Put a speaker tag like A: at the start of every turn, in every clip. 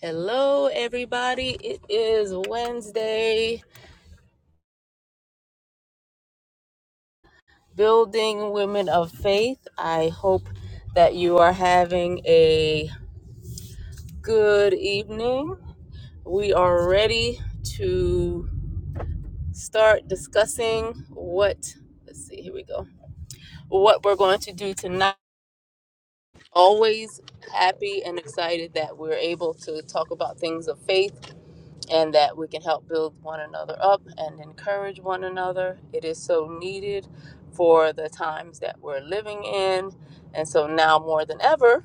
A: Hello, everybody. It is Wednesday, Building Women of Faith. I hope that you are having a good evening. We are ready to start discussing what, let's see, here we go, what we're going to do tonight. Always happy and excited that we're able to talk about things of faith and that we can help build one another up and encourage one another. It is so needed for the times that we're living in. And so now more than ever,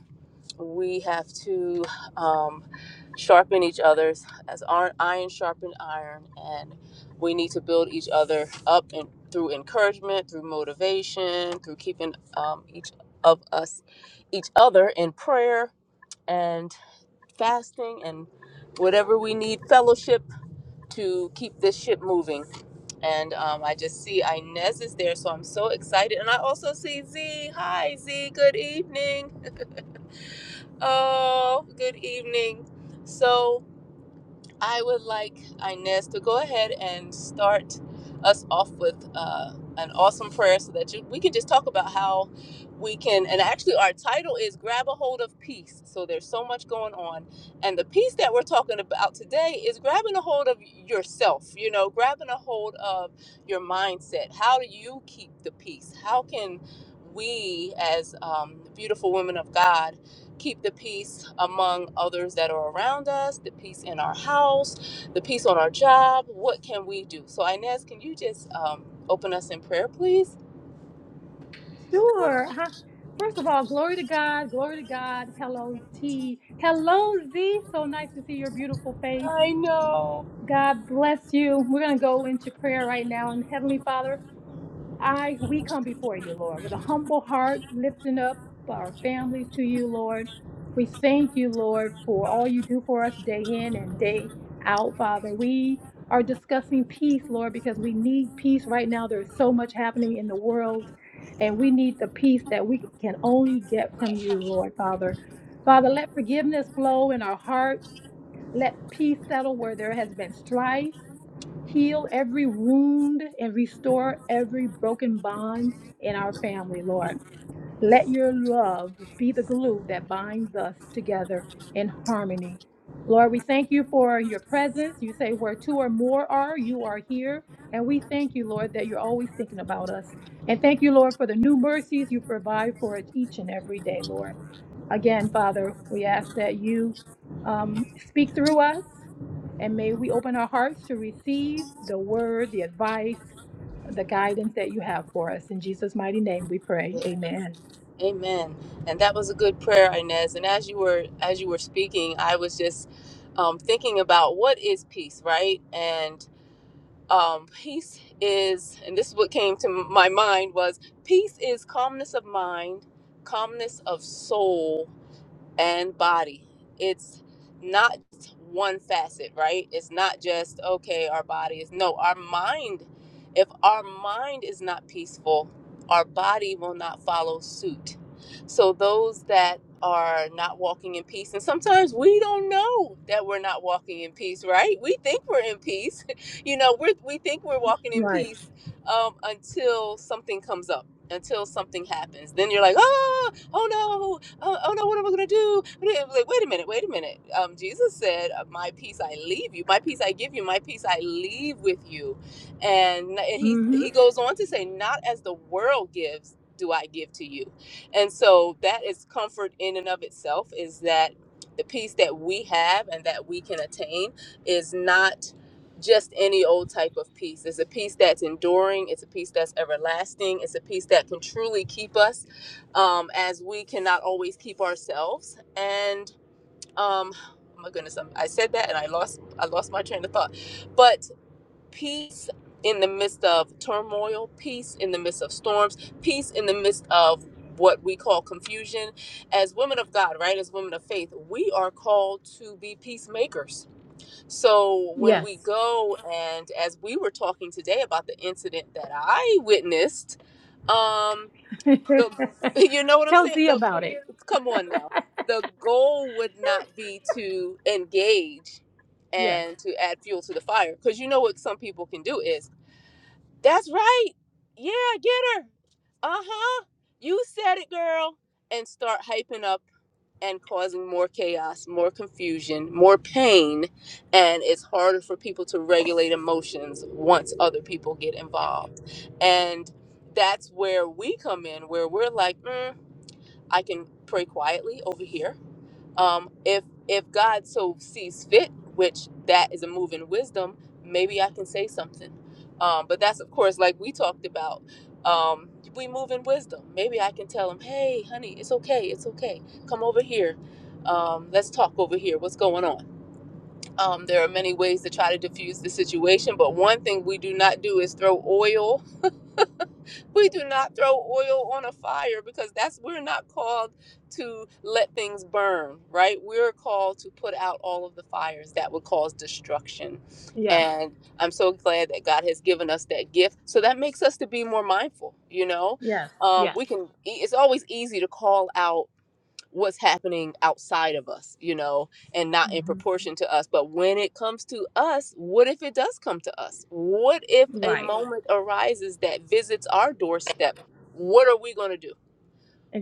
A: we have to um, sharpen each other's as iron, iron sharpened iron, and we need to build each other up and through encouragement, through motivation, through keeping um, each of us, each other in prayer and fasting and whatever we need fellowship to keep this ship moving. And um, I just see Inez is there, so I'm so excited. And I also see Z. Hi, Z. Good evening. Oh, good evening. So I would like Inez to go ahead and start us off with uh, an awesome prayer so that you, we can just talk about how we can. And actually, our title is Grab a Hold of Peace. So there's so much going on. And the peace that we're talking about today is grabbing a hold of yourself, you know, grabbing a hold of your mindset. How do you keep the peace? How can we, as um, beautiful women of God, keep the peace among others that are around us, the peace in our house, the peace on our job. What can we do? So, Inez, can you just um, open us in prayer, please?
B: Sure. Huh? First of all, glory to God, glory to God. Hello, T. Hello, Z. So nice to see your beautiful face.
A: I know.
B: God bless you. We're going to go into prayer right now. And Heavenly Father, I we come before you, Lord, with a humble heart, lifting up our families to you, Lord. We thank you, Lord, for all you do for us day in and day out, Father. We are discussing peace, Lord, because we need peace right now. There's so much happening in the world, and we need the peace that we can only get from you, Lord, Father. Father, let forgiveness flow in our hearts. Let peace settle where there has been strife. Heal every wound and restore every broken bond in our family, Lord. Let your love be the glue that binds us together in harmony. Lord, we thank you for your presence. You say where two or more are, you are here. And we thank you, Lord, that you're always thinking about us. And thank you, Lord, for the new mercies you provide for us each and every day, Lord. Again, Father, we ask that you um, speak through us and may we open our hearts to receive the word, the advice, the guidance that you have for us. In Jesus' mighty name we pray. Amen.
A: Amen. And that was a good prayer, Inez. And as you were as you were speaking, I was just um, thinking about what is peace, right? And um, peace is and this is what came to my mind was peace is calmness of mind calmness of soul and body. It's not one facet, right? It's not just, okay, our body is. No, our mind, if our mind is not peaceful, our body will not follow suit. So those that are not walking in peace, and sometimes we don't know that we're not walking in peace, right? We think we're in peace. you know, we we think we're walking in
B: Right.
A: peace um, until something comes up. Until something happens, then you're like, oh, oh no! oh, oh no, what am I gonna do? What am- Like, wait a minute, wait a minute. Um, Jesus said, uh, "My peace I leave you, my peace I give you, my peace I leave with you," and he
B: Mm-hmm.
A: he goes on to say, "Not as the world gives." Do I give to you? And so that is comfort in and of itself is that the peace that we have and that we can attain is not just any old type of peace. It's a peace that's enduring, it's a peace that's everlasting, it's a peace that can truly keep us um, as we cannot always keep ourselves. And um, oh my goodness, I'm, I said that and I lost I lost my train of thought. But peace in the midst of turmoil, peace in the midst of storms, peace in the midst of what we call confusion. As women of God, right? As women of faith, we are called to be peacemakers. So when we
B: Yes.
A: go and as we were talking today about the incident that I witnessed, um, the you know what I'm
B: Tell
A: saying?
B: Z
A: the
B: about it.
A: Come on now. The goal would not be to engage
B: Yes.
A: and to add fuel to the fire. Because you know what some people can do is, that's right. Yeah, get her. Uh huh. You said it, girl. And start hyping up and causing more chaos, more confusion, more pain. And it's harder for people to regulate emotions once other people get involved. And that's where we come in, where we're like, mm, I can pray quietly over here um if if god so sees fit which that is a move in wisdom maybe i can say something um but that's of course like we talked about um we move in wisdom maybe i can tell him hey honey it's okay it's okay come over here um let's talk over here what's going on um there are many ways to try to diffuse the situation but one thing we do not do is throw oil we do not throw oil on a fire because that's we're not called to let things burn right we're called to put out all of the fires that would cause destruction
B: Yes.
A: and i'm so glad that god has given us that gift so that makes us to be more mindful you know
B: Yes.
A: um,
B: Yes.
A: we can e, it's always easy to call out what's happening outside of us, you know, and not in
B: hmm
A: proportion to us. But when it comes to us, what if it does come to us? What if a
B: Right.
A: moment arises that visits our doorstep? What are we going to do?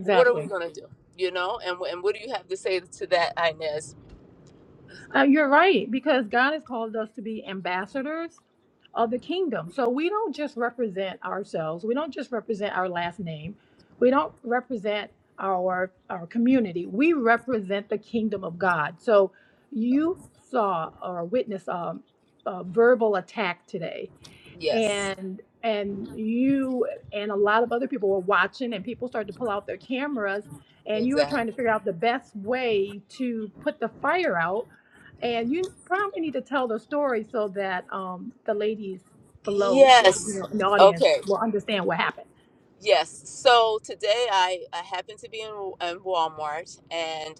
A: What are we going to do? You know, and, wh- and what do you have to say to that, Inez?
B: Uh, you're right because God has called us to be ambassadors of the kingdom. So we don't just represent ourselves. We don't just represent our last name. We don't represent our our community. We represent the kingdom of God. So you saw or witnessed um, a verbal attack today
A: Yes,
B: and and you and a lot of other people were watching and people started to pull out their cameras and you were
A: exactly.
B: trying to figure out the best way to put the fire out and you probably need to tell the story so that um, the ladies below you
A: Yes.
B: know in the audience
A: Okay.
B: will understand what happened
A: Yes. So today I, I happened to be in, in Walmart and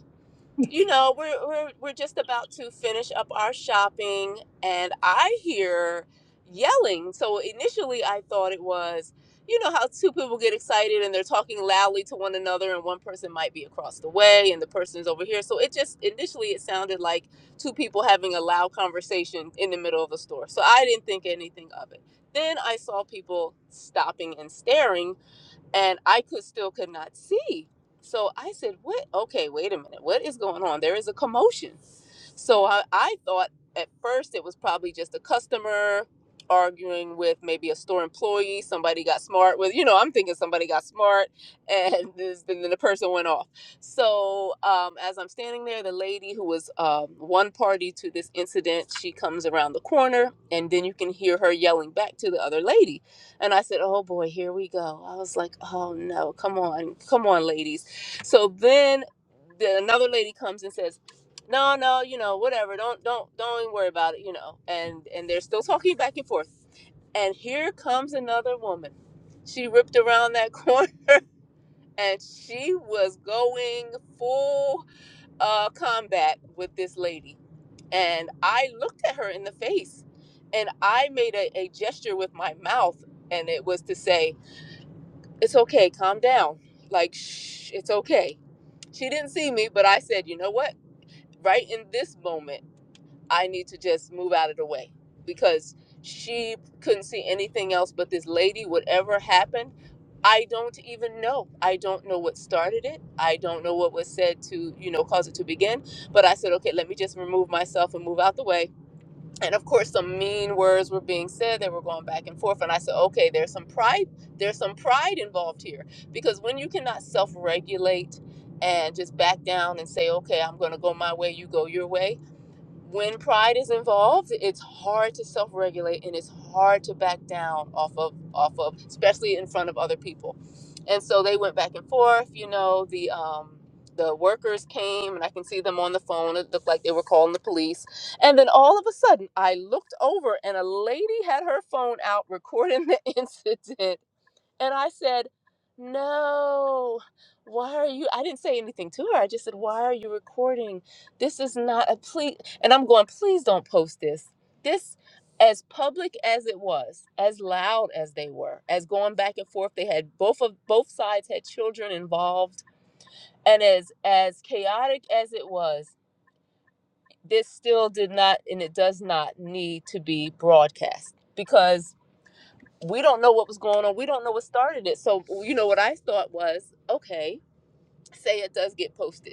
A: you know, we're, we're we're just about to finish up our shopping, and I hear yelling. So initially, I thought it was, you know, how two people get excited and they're talking loudly to one another, and one person might be across the way, and the person's over here. So it just initially it sounded like two people having a loud conversation in the middle of a store. So I didn't think anything of it. Then I saw people stopping and staring and I could still could not see. So I said, "What? Okay, wait a minute. What is going on? There is a commotion." So I, I thought at first it was probably just a customer arguing with maybe a store employee. Somebody got smart with, you know, I'm thinking somebody got smart and this, then the person went off. So um, as I'm standing there, the lady who was um, one party to this incident, she comes around the corner and then you can hear her yelling back to the other lady. And I said, oh boy, here we go. I was like, oh no, come on, come on, ladies. So then the, another lady comes and says, no no you know whatever don't don't don't even worry about it you know and and they're still talking back and forth and here comes another woman she ripped around that corner and she was going full uh, combat with this lady and i looked at her in the face and i made a, a gesture with my mouth and it was to say it's okay calm down like shh it's okay she didn't see me but i said you know what right in this moment I need to just move out of the way because she couldn't see anything else but this lady, whatever happened. I don't even know. I don't know what started it. I don't know what was said to, you know, cause it to begin. But I said, okay, let me just remove myself and move out the way. And of course, some mean words were being said. They were going back and forth. And I said, okay, there's some pride. There's some pride involved here because when you cannot self regulate and just back down and say, okay, I'm going to go my way, you go your way when pride is involved, it's hard to self-regulate and it's hard to back down off of off of, especially in front of other people. And so they went back and forth. You know, the um, the workers came, and I can see them on the phone. It looked like they were calling the police. And then all of a sudden, I looked over, and a lady had her phone out recording the incident. And I said, No, why are you? I didn't say anything to her. I just said, Why are you recording? This is not a plea. And I'm going, Please don't post this. This, as public as it was, as loud as they were, as going back and forth, they had both of both sides had children involved. And as as chaotic as it was, this still did not and it does not need to be broadcast because we don't know what was going on. We don't know what started it. So, you know, what I thought was, okay, say it does get posted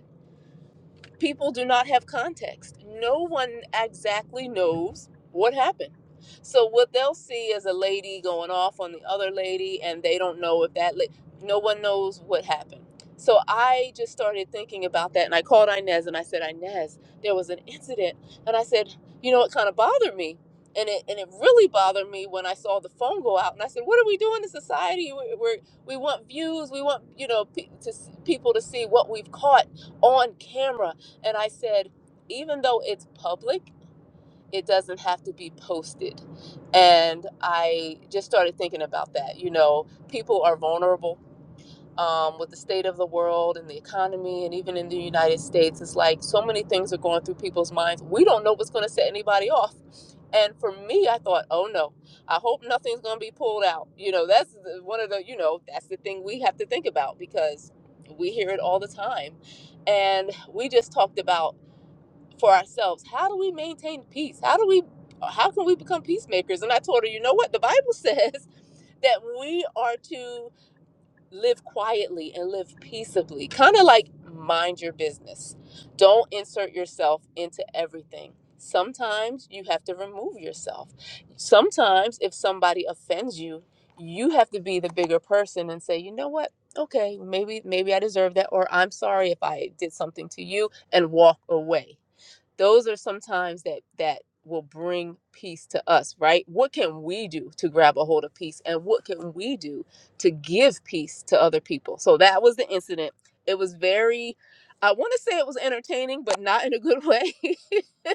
A: people do not have context. No one exactly knows what happened. So what they'll see is a lady going off on the other lady, and they don't know if that. La- no one knows what happened. So I just started thinking about that, and I called Inez and I said, Inez, there was an incident, and I said, you know, it kind of bothered me. And it, and it really bothered me when I saw the phone go out, and I said, "What are we doing in society? We're, we're, we want views. We want you know pe- to s- people to see what we've caught on camera and I said, even though it's public, it doesn't have to be posted. And I just started thinking about that. You know, people are vulnerable um, with the state of the world and the economy, and even in the United States. It's like so many things are going through people's minds. We don't know what's going to set anybody off. And for me, I thought, oh no, I hope nothing's going to be pulled out. You know, that's one of the, you know, that's the thing we have to think about because we hear it all the time. And we just talked about for ourselves. How do we maintain peace? How do we how can we become peacemakers? And I told her, you know what? The Bible says that we are to live quietly and live peaceably. Kind of like mind your business. Don't insert yourself into everything. Sometimes you have to remove yourself. Sometimes if somebody offends you, you have to be the bigger person and say, "You know what? Okay, maybe maybe I deserve that or I'm sorry if I did something to you." and walk away those are sometimes that that will bring peace to us right what can we do to grab a hold of peace and what can we do to give peace to other people so that was the incident it was very i want to say it was entertaining but not in a good way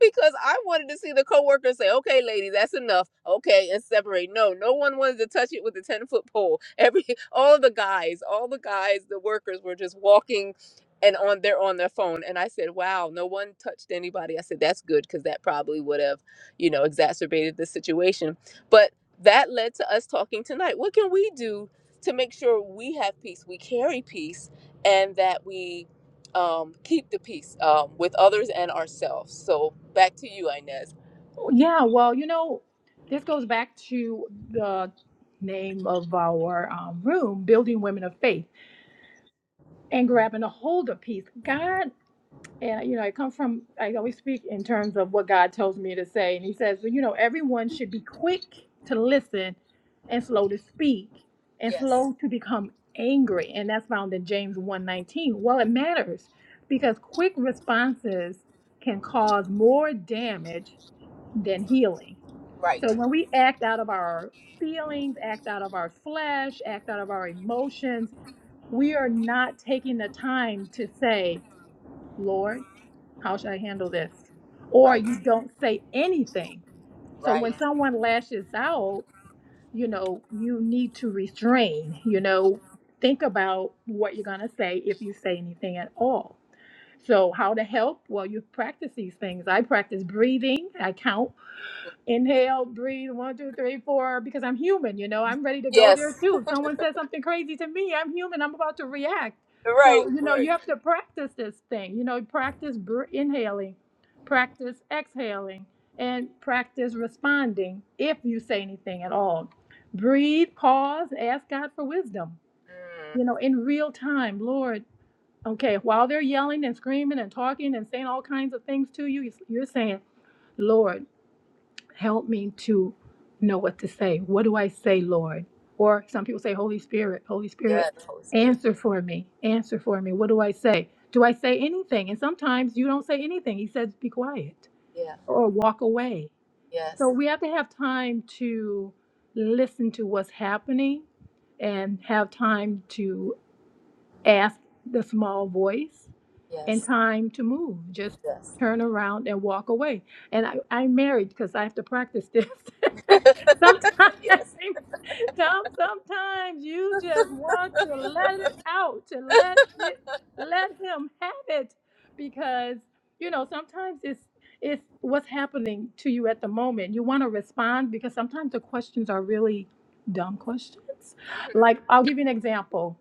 A: because I wanted to see the coworker say, "Okay, lady, that's enough." Okay, and separate. No, no one wanted to touch it with a ten foot pole. Every all the guys, all the guys, the workers were just walking. And on they're on their phone, and I said, "Wow, no one touched anybody." I said, "That's good because that probably would have, you know, exacerbated the situation." But that led to us talking tonight. What can we do to make sure we have peace, we carry peace, and that we um, keep the peace um, with others and ourselves. So back to you, Inez.
B: yeah well you know this goes back to the name of our um, room building women of faith and grabbing a hold of peace god And, you know, I come from, I always speak in terms of what God tells me to say. And He says, well, you know, everyone should be quick to listen and slow to speak and
A: Yes.
B: slow to become angry. And that's found in James 119. Well, it matters because quick responses can cause more damage than healing.
A: Right.
B: So when we act out of our feelings, act out of our flesh, act out of our emotions, we are not taking the time to say, Lord, how should I handle this? Or
A: Right.
B: you don't say anything. So when
A: Right.
B: someone lashes out, you know, you need to restrain, you know, think about what you're going to say if you say anything at all. So, how to help? Well, you practice these things. I practice breathing, I count inhale, breathe, one, two, three, four, because I'm human, you know, I'm ready to go there
A: Yes,
B: too. If someone says something crazy to me, I'm human, I'm about to react. So,
A: right,
B: you know, you
A: right.
B: have to practice this thing, you know, practice br- inhaling, practice exhaling, and practice responding if you say anything at all. Breathe, pause, ask God for wisdom,
A: Mm.
B: you know, in real time, Lord. Okay, while they're yelling and screaming and talking and saying all kinds of things to you, you're saying, Lord, help me to know what to say. What do I say, Lord? Or some people say, Holy Spirit, Holy Spirit,
A: Yes, Holy Spirit.
B: answer for me, answer for me. What do I say? Do I say anything? And sometimes you don't say anything. He says, be quiet
A: Yeah.
B: or walk away. So
A: Yes.
B: we have to have time to listen to what's happening and have time to ask the small voice and
A: Yes.
B: time to move. Just
A: Yes.
B: turn around and walk away. And I, I'm married because I have to practice this. sometimes,
A: Yes.
B: Tom, sometimes you just want to let it out, to let it, let him have it, because you know sometimes it's it's what's happening to you at the moment. You want to respond because sometimes the questions are really dumb questions.
A: hmm
B: Like I'll give you an example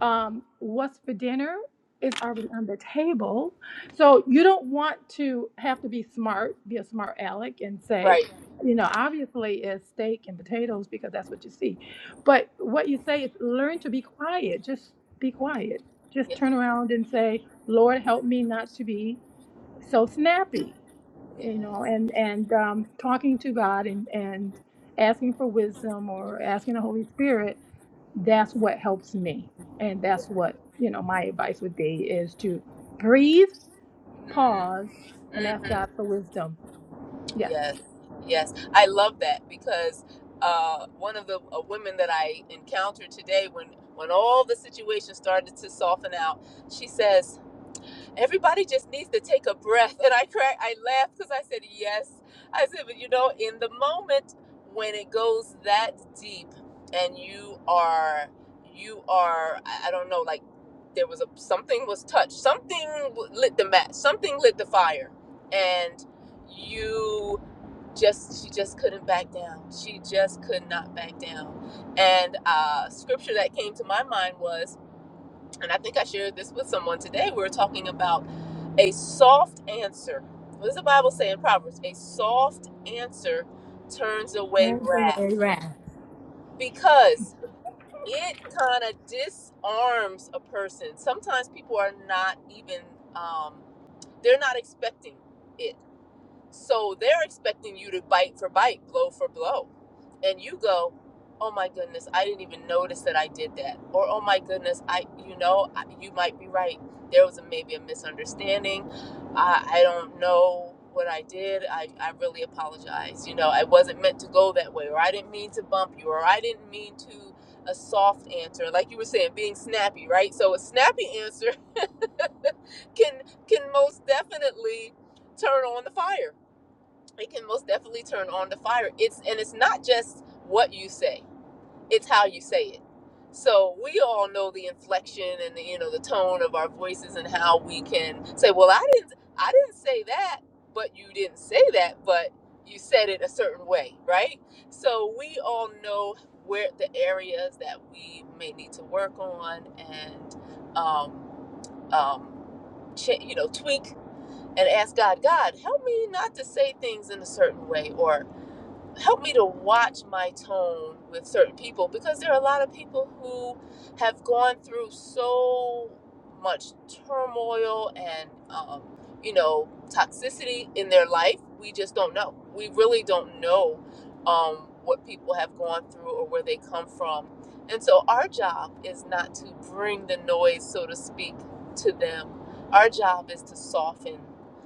B: um, what's for dinner is already on the table. So you don't want to have to be smart, be a smart aleck, and say,
A: Right.
B: you know, obviously it's steak and potatoes because that's what you see. But what you say is learn to be quiet. Just be quiet. Just
A: Yes.
B: turn around and say, Lord, help me not to be so snappy.
A: Yes.
B: You know, and and um, talking to God and and asking for wisdom or asking the Holy Spirit that's what helps me and that's what you know my advice would be is to breathe pause and ask
A: Mm-hmm.
B: god for wisdom yes
A: Yes. Yes. I love that because uh, one of the uh, women that I encountered today, when when all the situation started to soften out, she says. Everybody just needs to take a breath. And I crack, I laughed because I said, yes. I said, but you know, in the moment when it goes that deep and you are, you are, I I don't know, like there was a, something was touched, something w- lit the match, something lit the fire. And you just, she just couldn't back down. She just could not back down. And uh, scripture that came to my mind was, and I think I shared this with someone today. We were talking about a soft answer. What does the Bible say in Proverbs? A soft answer turns away wrath because it kind of disarms a person. Sometimes people are not even, um, they're not expecting it. So they're expecting you to bite for bite, blow for blow. And you go, oh my goodness, I didn't even notice that I did that. Or, oh my goodness, I, you know, you might be right. There was a, maybe a misunderstanding. I, I don't know what I did. I, I really apologize. You know, I wasn't meant to go that way, or I didn't mean to bump you, or I didn't mean to a soft answer like you were saying being snappy right so a snappy answer can can most definitely turn on the fire it can most definitely turn on the fire it's and it's not just what you say it's how you say it so we all know the inflection and the you know the tone of our voices and how we can say well i didn't i didn't say that but you didn't say that but you said it a certain way right so we all know where the areas that we may need to work on and um, um, cha- you know tweak and ask God, God, help me not to say things in a certain way or help me to watch my tone with certain people because there are a lot of people who have gone through so much turmoil and um, you know toxicity in their life we just don't know we really don't know um, what people have gone through or where they come from and so our job is not to bring the noise so to speak to them our job is to soften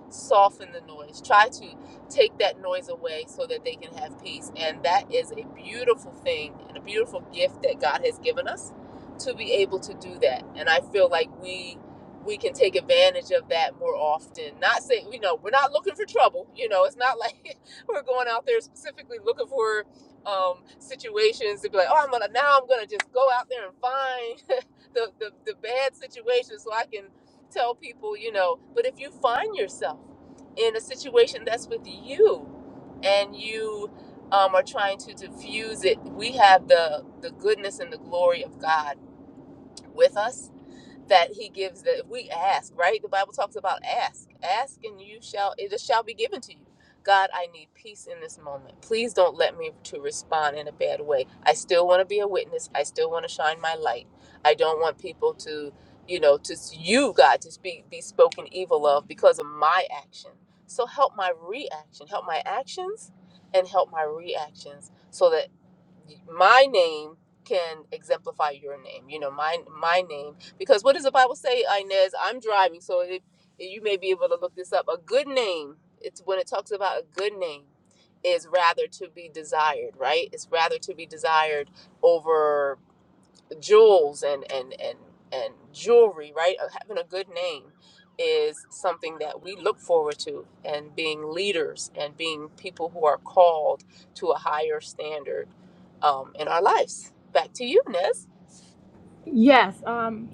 A: soften the noise try to take that noise away so that they can have peace. And that is a beautiful thing and a beautiful gift that God has given us to be able to do that. And I feel like we we can take advantage of that more often. Not saying you know, we're not looking for trouble. You know, it's not like we're going out there specifically looking for um, situations to be like, oh, I'm gonna now I'm gonna just go out there and find the, the the bad situation so I can tell people, you know. But if you find yourself in a situation that's with you and you um, are trying to diffuse it we have the the goodness and the glory of god with us that he gives that if we ask, right? The Bible talks about ask. Ask and you shall it shall be given to you. God, I need peace in this moment. Please don't let me to respond in a bad way. I still want to be a witness. I still want to shine my light. I don't want people to, you know, to you God to speak be spoken evil of because of my action. So help my reaction, help my actions and help my reactions so that my name can exemplify your name. You know, my my name because what does the Bible say, Inez? I'm driving, so if, you may be able to look this up. A good name, it's when it talks about a good name, is rather to be desired, right? It's rather to be desired over jewels and and and and jewelry, right? Uh, Having a good name is something that we look forward to and being leaders and being people who are called to a higher standard um, in our lives. Back to you, Nez.
B: yes um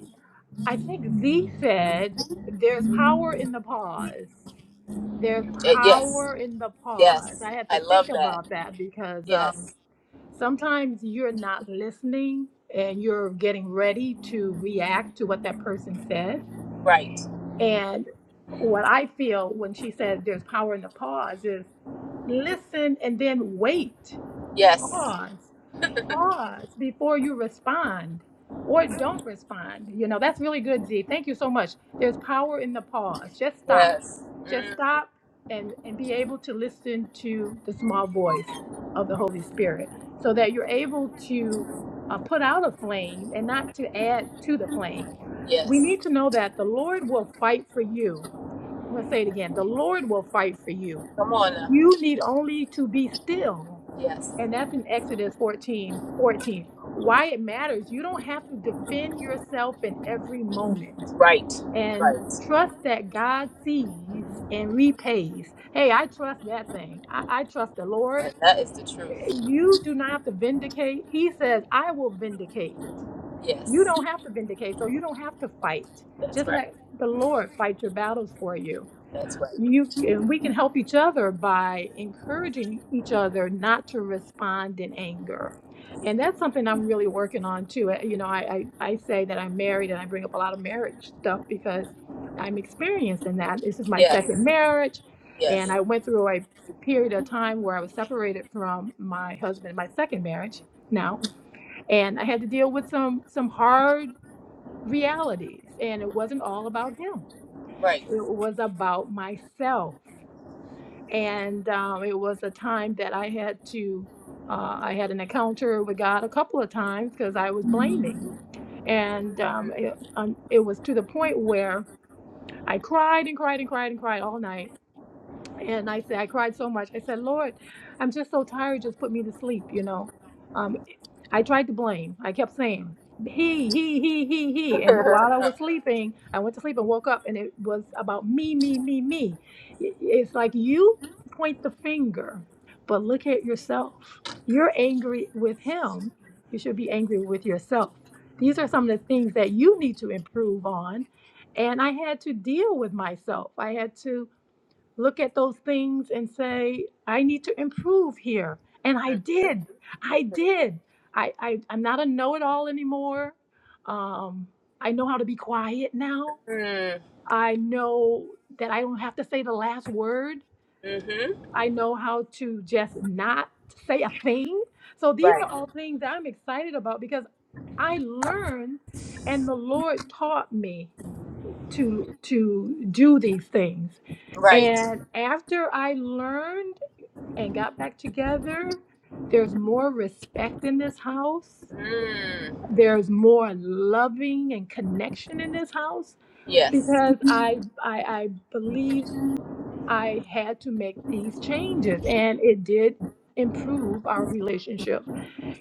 B: i think z said there's power in the pause there's
A: Uh, Yes.
B: power in the pause
A: Yes.
B: i had
A: I
B: to think
A: love that.
B: about that because um
A: Yes.
B: sometimes you're not listening and you're getting ready to react to what that person said
A: Right.
B: And what I feel when she said there's power in the pause is listen and then wait.
A: Yes.
B: Pause pause before you respond or don't respond. You know, that's really good, Z. Thank you so much. There's power in the pause. Just stop.
A: Yes.
B: Just
A: Mm.
B: stop and, and be able to listen to the small voice of the Holy Spirit so that you're able to uh, put out a flame and not to add to the flame. We
A: Yes.
B: need to know that the Lord will fight for you. I'm going to say it again. The Lord will fight for you.
A: Come on now.
B: You need only to be still
A: Yes.
B: and that's in Exodus 14, 14. Why it matters. You don't have to defend yourself in every moment.
A: Right.
B: And
A: Right.
B: trust that God sees and repays. Hey, I trust that thing. I, I trust the Lord.
A: And that is the truth.
B: You do not have to vindicate. He says, I will vindicate. You
A: Yes.
B: don't have to vindicate, so you don't have to fight.
A: That's
B: Just
A: right.
B: let the Lord fight your battles for you
A: That's right.
B: you and we can help each other by encouraging each other not to respond in anger and that's something i'm really working on too Uh, you know i i, I say that i'm married and i bring up a lot of marriage stuff because i'm experienced in that this is my
A: Yes.
B: second marriage and
A: Yes.
B: i went through a period of time where i was separated from my husband my second marriage now and i had to deal with some some hard realities and it wasn't all about him
A: Right.
B: it was about myself and um, it was a time that I had to, uh, I had an encounter with God a couple of times because I was blaming, and um, it, um, it was to the point where I cried and cried and cried and cried all night, and I said I cried so much. I said, Lord, I'm just so tired. Just put me to sleep, you know. Um, I tried to blame. I kept saying he, he, he, he, he. And while I
A: Mm.
B: was sleeping, I went to sleep and woke up, and it was about me, me, me, me. I- It's like you point the finger, but look at yourself. You're angry with him. You should be angry with yourself. These are some of the things that you need to improve on. And I had to deal with myself. I had to look at those things and say, I need to improve here. And I did. I did. I, I, I'm not a know it all anymore. Um, I know how to be quiet now.
A: Mm.
B: I know that I don't have to say the last word.
A: Mm-hmm.
B: I know how to just not say a thing. So these
A: Right.
B: are all things that I'm excited about because I learned and the Lord taught me to to do these things.
A: Right.
B: And after I learned and got back together, there's more respect in this house.
A: Mm.
B: There's more loving and connection in this house
A: Yes.
B: because I I, I believe I had to make these changes and it did improve our relationship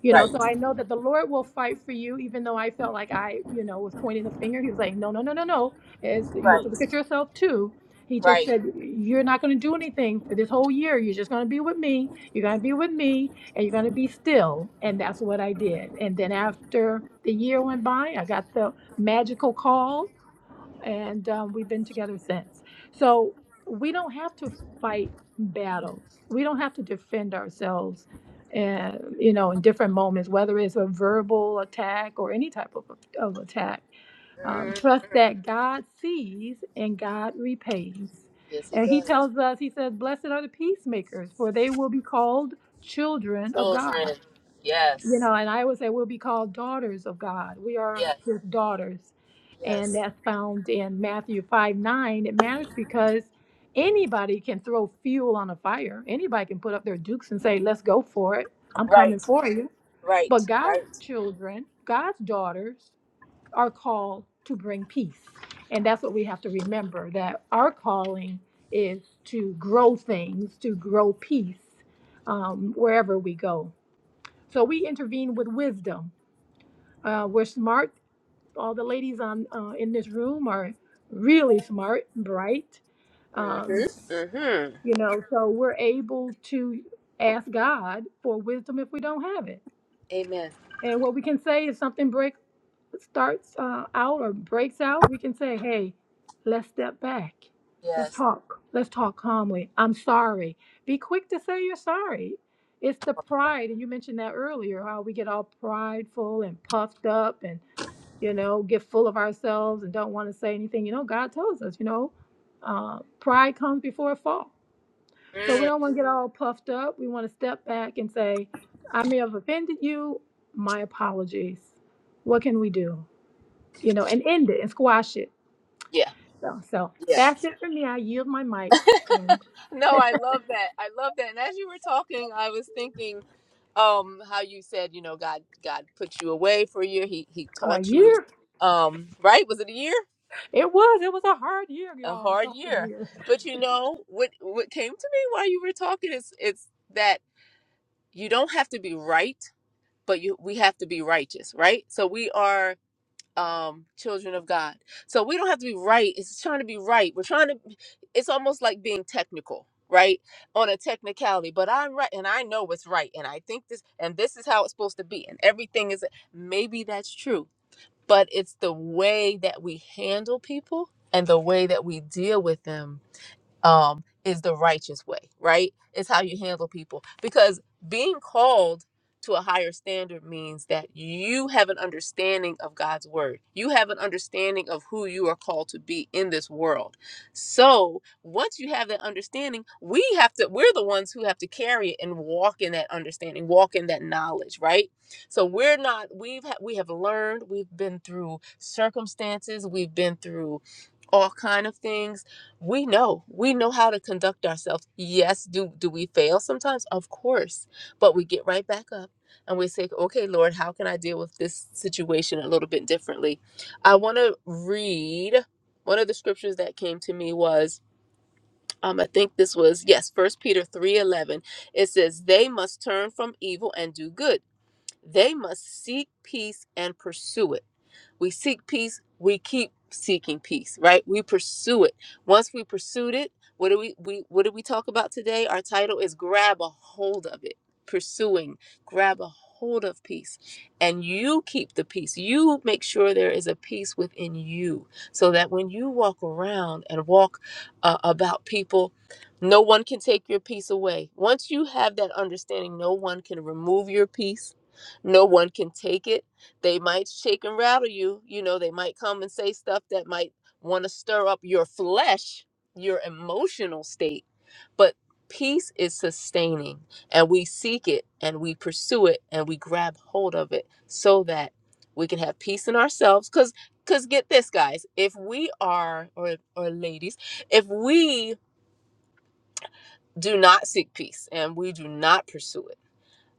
B: you know so
A: Right.
B: i know that the lord will fight for you even though i felt like i you know was pointing the finger he was like no no no no no it's, you have to
A: Right.
B: look at yourself too he just
A: Right.
B: said you're not going to do anything for this whole year you're just going to be with me you're going to be with me and you're going to be still and that's what i did and then after the year went by i got the magical call and um, we've been together since. So we don't have to fight battles. We don't have to defend ourselves, uh, you know, in different moments, whether it's a verbal attack or any type of, of attack. Um,
A: Mm.
B: trust that God sees and God repays.
A: Yes, he
B: And He
A: does.
B: tells us, He says, "Blessed are the peacemakers, for they will be called children of God."
A: Children.
B: you
A: Yes.
B: know, and I would say we'll be called daughters of God. We are
A: Yes.
B: his daughters. And
A: Yes.
B: that's found in Matthew 5 9. It matters because anybody can throw fuel on a fire. Anybody can put up their dukes and say, let's go for it. I'm
A: Right.
B: coming for you.
A: Right.
B: But God's
A: Right.
B: children, God's daughters are called to bring peace. And that's what we have to remember that our calling is to grow things, to grow peace um, wherever we go. So we intervene with wisdom. Uh, we're smart. All the ladies on uh, in this room are really smart, bright. Um,
A: Mm-hmm. Mm-hmm.
B: you know, so we're able to ask God for wisdom if we don't have it.
A: Amen.
B: And what we can say is something breaks starts uh, out or breaks out, we can say, hey, let's step back. Let's
A: Yes.
B: talk. Let's talk calmly. I'm sorry. Be quick to say you're sorry. It's the pride, and you mentioned that earlier, how we get all prideful and puffed up and, you know, get full of ourselves and don't want to say anything. You know, God tells us, you know, uh, pride comes before a fall. So we
A: Mm.
B: don't want to get all puffed up. We want to step back and say, I may have offended you. My apologies. What can we do? you know, and end it and squash it.
A: Yeah.
B: So, so
A: Yeah.
B: that's it for me. I yield my mic.
A: No, I love that. I love that. And as you were talking, I was thinking um how you said, you know, God God put you away for a year. He he
B: A
A: taught you
B: year.
A: um right? Was it a year?
B: It was. It was a hard year,
A: A
B: y'all. It was
A: hard
B: a hard
A: year.
B: year.
A: But you know, what what came to me while you were talking is it's that you don't have to be right, but you we have to be righteous, right? So we are um children of God. So we don't have to be right. It's trying to be right. We're trying to it's almost like being technical, right? On a technicality, but I'm right and I know what's right and I think this and this is how it's supposed to be and everything is maybe that's true, but it's the way that we handle people and the way that we deal with them um is the righteous way right it's how you handle people because being called to a higher standard means that you have an understanding of God's word. You have an understanding of who you are called to be in this world. So, once you have that understanding, we have to we're the ones who have to carry it and walk in that understanding, walk in that knowledge, right? So, we're not we've ha- we have learned, we've been through circumstances, we've been through all kind of things we know we know how to conduct ourselves yes do do we fail sometimes of course but we get right back up and we say okay lord how can i deal with this situation a little bit differently i want to read one of the scriptures that came to me was um i think this was yes first peter 3 11. it says they must turn from evil and do good they must seek peace and pursue it. We seek peace, we keep seeking peace, right? We pursue it. Once we pursued it, what do we, we what did we talk about today? Our title is grab a hold of it. Pursuing, grab a hold of peace. And you keep the peace. You make sure there is a peace within you so that when you walk around and walk uh, about people no one can take your peace away. Once you have that understanding, no one can remove your peace no one can take it. They might shake and rattle you. You know, they might come and say stuff that might want to stir up your flesh, your emotional state. But peace is sustaining, and we seek it and we pursue it and we grab hold of it so that we can have peace in ourselves. Because, because get this, guys, if we are, or, or ladies, if we do not seek peace and we do not pursue it,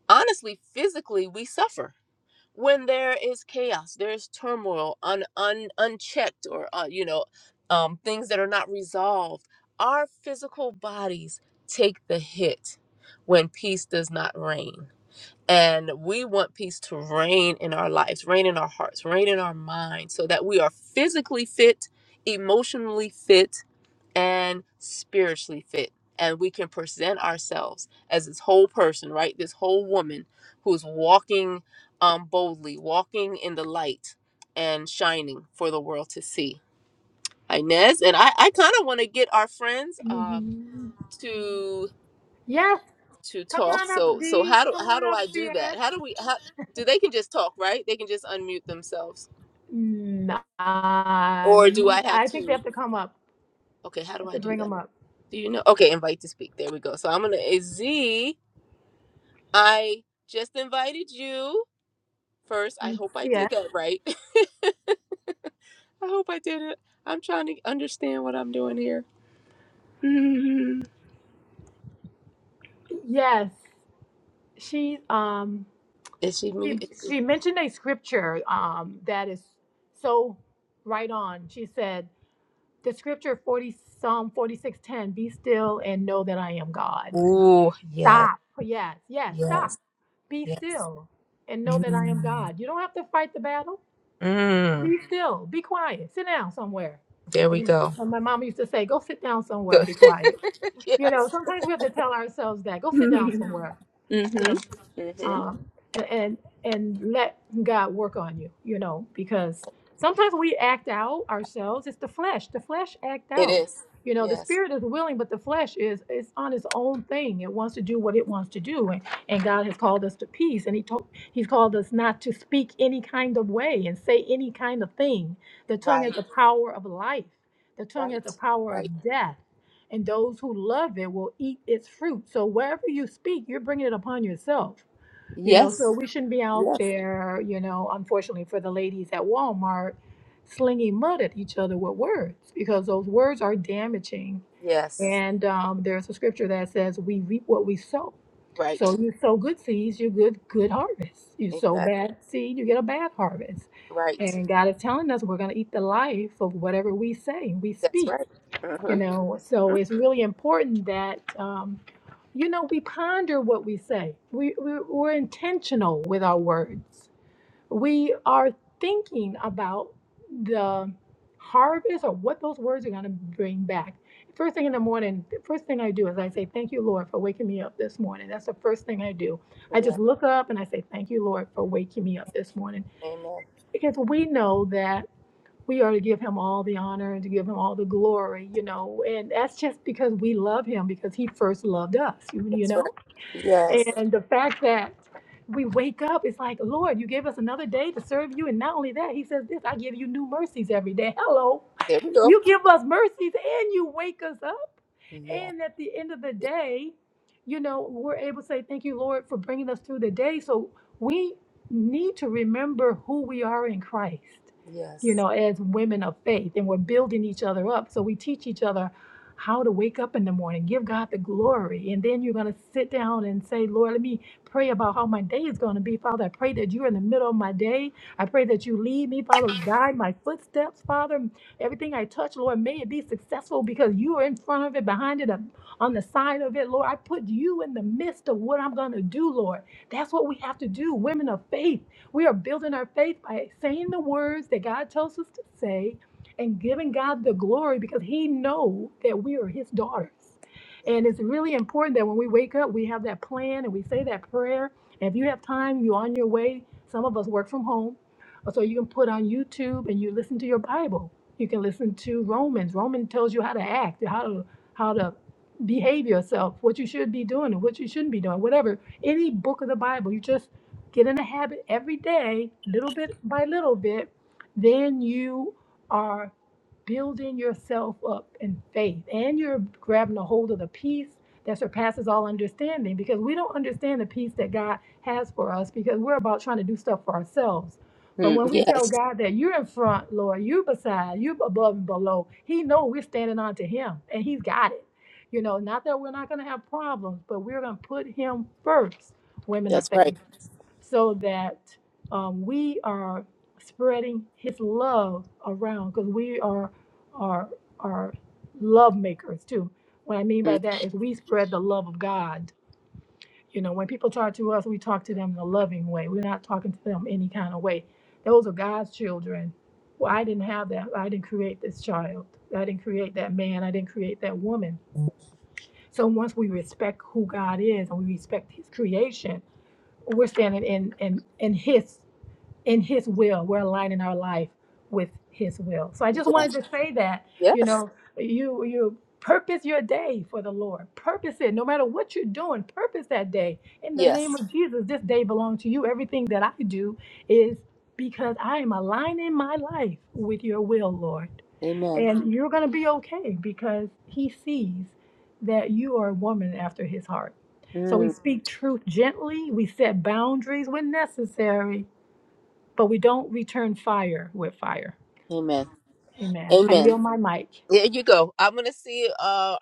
A: honestly, physically, we suffer when there is chaos there is turmoil un, un unchecked or uh, you know um, things that are not resolved our physical bodies take the hit when peace does not reign and we want peace to reign in our lives reign in our hearts reign in our minds so that we are physically fit emotionally fit and spiritually fit. And we can present ourselves as this whole person, right? This whole woman who's walking um, boldly, walking in the light and shining for the world to see. Inez, and I, I kind of want to get our friends um,
B: Mhm.
A: to
B: Yes.
A: to
B: Come
A: talk.
B: on up,
A: So so
B: D.
A: how do
B: Come
A: how
B: on
A: do
B: up,
A: I do that?
B: CS.
A: How do we how do they can just talk, right? They can just unmute themselves.
B: Nah,
A: Or do
B: um,
A: I have
B: I think they
A: to
B: have to come up.
A: okay, how
B: You
A: do
B: have to
A: I do
B: bring
A: that?
B: them up.
A: Do you know? Okay, invite to speak. There we go. So I'm gonna Z. I just invited you first. I hope I did
B: CS.
A: that right. I hope I did it. I'm trying to understand what I'm doing here. Mhm.
B: Yes. She um
A: Is she mu-
B: she
A: is she-
B: she mentioned a scripture um that is so right on. She said The scripture 40 Psalm 46:10, be still and know that I am God.
A: Ooh, yes,
B: Stop. Yes, yes, stop.
A: yes,
B: Be
A: yes.
B: still and know that I am
A: Mm.
B: God. You don't have to fight the battle.
A: Mm.
B: Be still. Be quiet. Sit down somewhere.
A: There
B: Like
A: we go.
B: when my mom used to say, go sit down somewhere and
A: Good.
B: be quiet. You know,
A: Yes.
B: sometimes we have to tell ourselves that. Go sit down
A: Mhm.
B: somewhere. You
A: Mm.
B: know
A: Mhm.
B: um, and, and and let God work on you, you know, because sometimes we act out ourselves. It's the flesh. The flesh act
A: It
B: out.
A: is.
B: You know, the
A: Yes.
B: spirit is willing, but the flesh is is on its own thing. It wants to do what it wants to do, and, and God has called us to peace, and He told He's called us not to speak any kind of way and say any kind of thing. The tongue has
A: Right.
B: the power of life. The tongue has
A: Right.
B: the power
A: Right.
B: of death, and those who love it will eat its fruit. So wherever you speak, you're bringing it upon yourself you know, so
A: Yes.
B: we shouldn't be out
A: Yes.
B: there, you know, unfortunately for the ladies at Walmart, slinging mud at each other with words because those words are damaging.
A: Yes.
B: And um, there's a scripture that says, "We reap what we sow."
A: Right.
B: So you sow good seeds, you good good harvest. You sow
A: Exactly.
B: bad seed, you get a bad harvest.
A: Right.
B: And God is telling us we're going to eat the life of whatever we say, we
A: That's
B: speak.
A: right.
B: You know, so
A: Huh?
B: it's really important that, um, you know, we ponder what we say. We, we, we're intentional with our words. We are thinking about the harvest or what those words are going to bring back. First thing in the morning, the first thing I do is I say, Thank you, Lord, for waking me up this morning. That's the first thing I do. I
A: Yeah.
B: just look up and I say, Thank you, Lord, for waking me up this morning.
A: Amen.
B: Because we know that we are to give him all the honor and to give him all the glory, you know. And that's just because we love him because he first loved us, you, you
A: That's right.
B: know.
A: Yes.
B: And the fact that we wake up, it's like, Lord, you gave us another day to serve you. And not only that, he says this, I give you new mercies every day. Hello.
A: There we go.
B: You give us mercies and you wake us up.
A: Yeah.
B: And at the end of the
A: yeah,
B: day, you know, we're able to say, Thank you, Lord, for bringing us through the day. So we need to remember who we are in Christ, you
A: Yes.
B: know, as women of faith. And we're building each other up. So we teach each other how to wake up in the morning, give God the glory. And then you're going to sit down and say, Lord, let me pray about how my day is going to be. Father, I pray that you're in the middle of my day. I pray that you lead me, Father, guide my footsteps, Father. Everything I touch, Lord, may it be successful because you are in front of it, behind it, um, on the side of it. Lord, I put you in the midst of what I'm going to do, Lord. That's what we have to do, women of faith. We are building our faith by saying the words that God tells us to say and giving God the glory because He knows that we are His daughters. And it's really important that when we wake up, we have that plan and we say that prayer. And if you have time, you're on your way. Some of us work from home Oh, So you can put on YouTube and you listen to your Bible. You can listen to Romans. Romans tells you how to act, how to how to behave yourself, what you should be doing and what you shouldn't be doing, whatever. Any book of the Bible, you just get in a habit every day, little bit by little bit, then you are building yourself up in faith and you're grabbing a hold of the peace that surpasses all understanding because we don't understand the peace that God has for us because we're about trying to do stuff for ourselves but when
A: Mm,
B: we tell
A: yes.
B: God that you're in front, Lord, you beside, you above and below, He know we're standing on to Him, and He's got it. You know, not that we're not going to have problems, but we're going to put Him first, women of
A: That's right.
B: faith, so that um, we are spreading His love around, because we are are are love makers too. What I mean by
A: Mm.
B: that is we spread the love of God you know, when people talk to us, we talk to them in a loving way. We're not talking to them any kind of way. Those are God's children. Well, I didn't have that. I didn't create this child. I didn't create that man. I didn't create that woman.
A: Mm,
B: So once we respect who God is and we respect his creation, we're standing in in in his in his will we're aligning our life with his will so i just
A: Yeah.
B: wanted to say that you
A: Yes.
B: know you you purpose your day for the lord purpose it no matter what you're doing purpose that day in the name
A: Yes.
B: of jesus this day belongs to you everything that i do is because i am aligning my life with your will lord
A: Amen.
B: and you're going to be okay because he sees that you are a woman after his heart so we
A: Mm.
B: speak truth gently we set boundaries when necessary but we don't return fire with fire.
A: Amen.
B: Amen. I yield
A: Amen.
B: my mic.
A: There you go. I'm gonna see. Uh,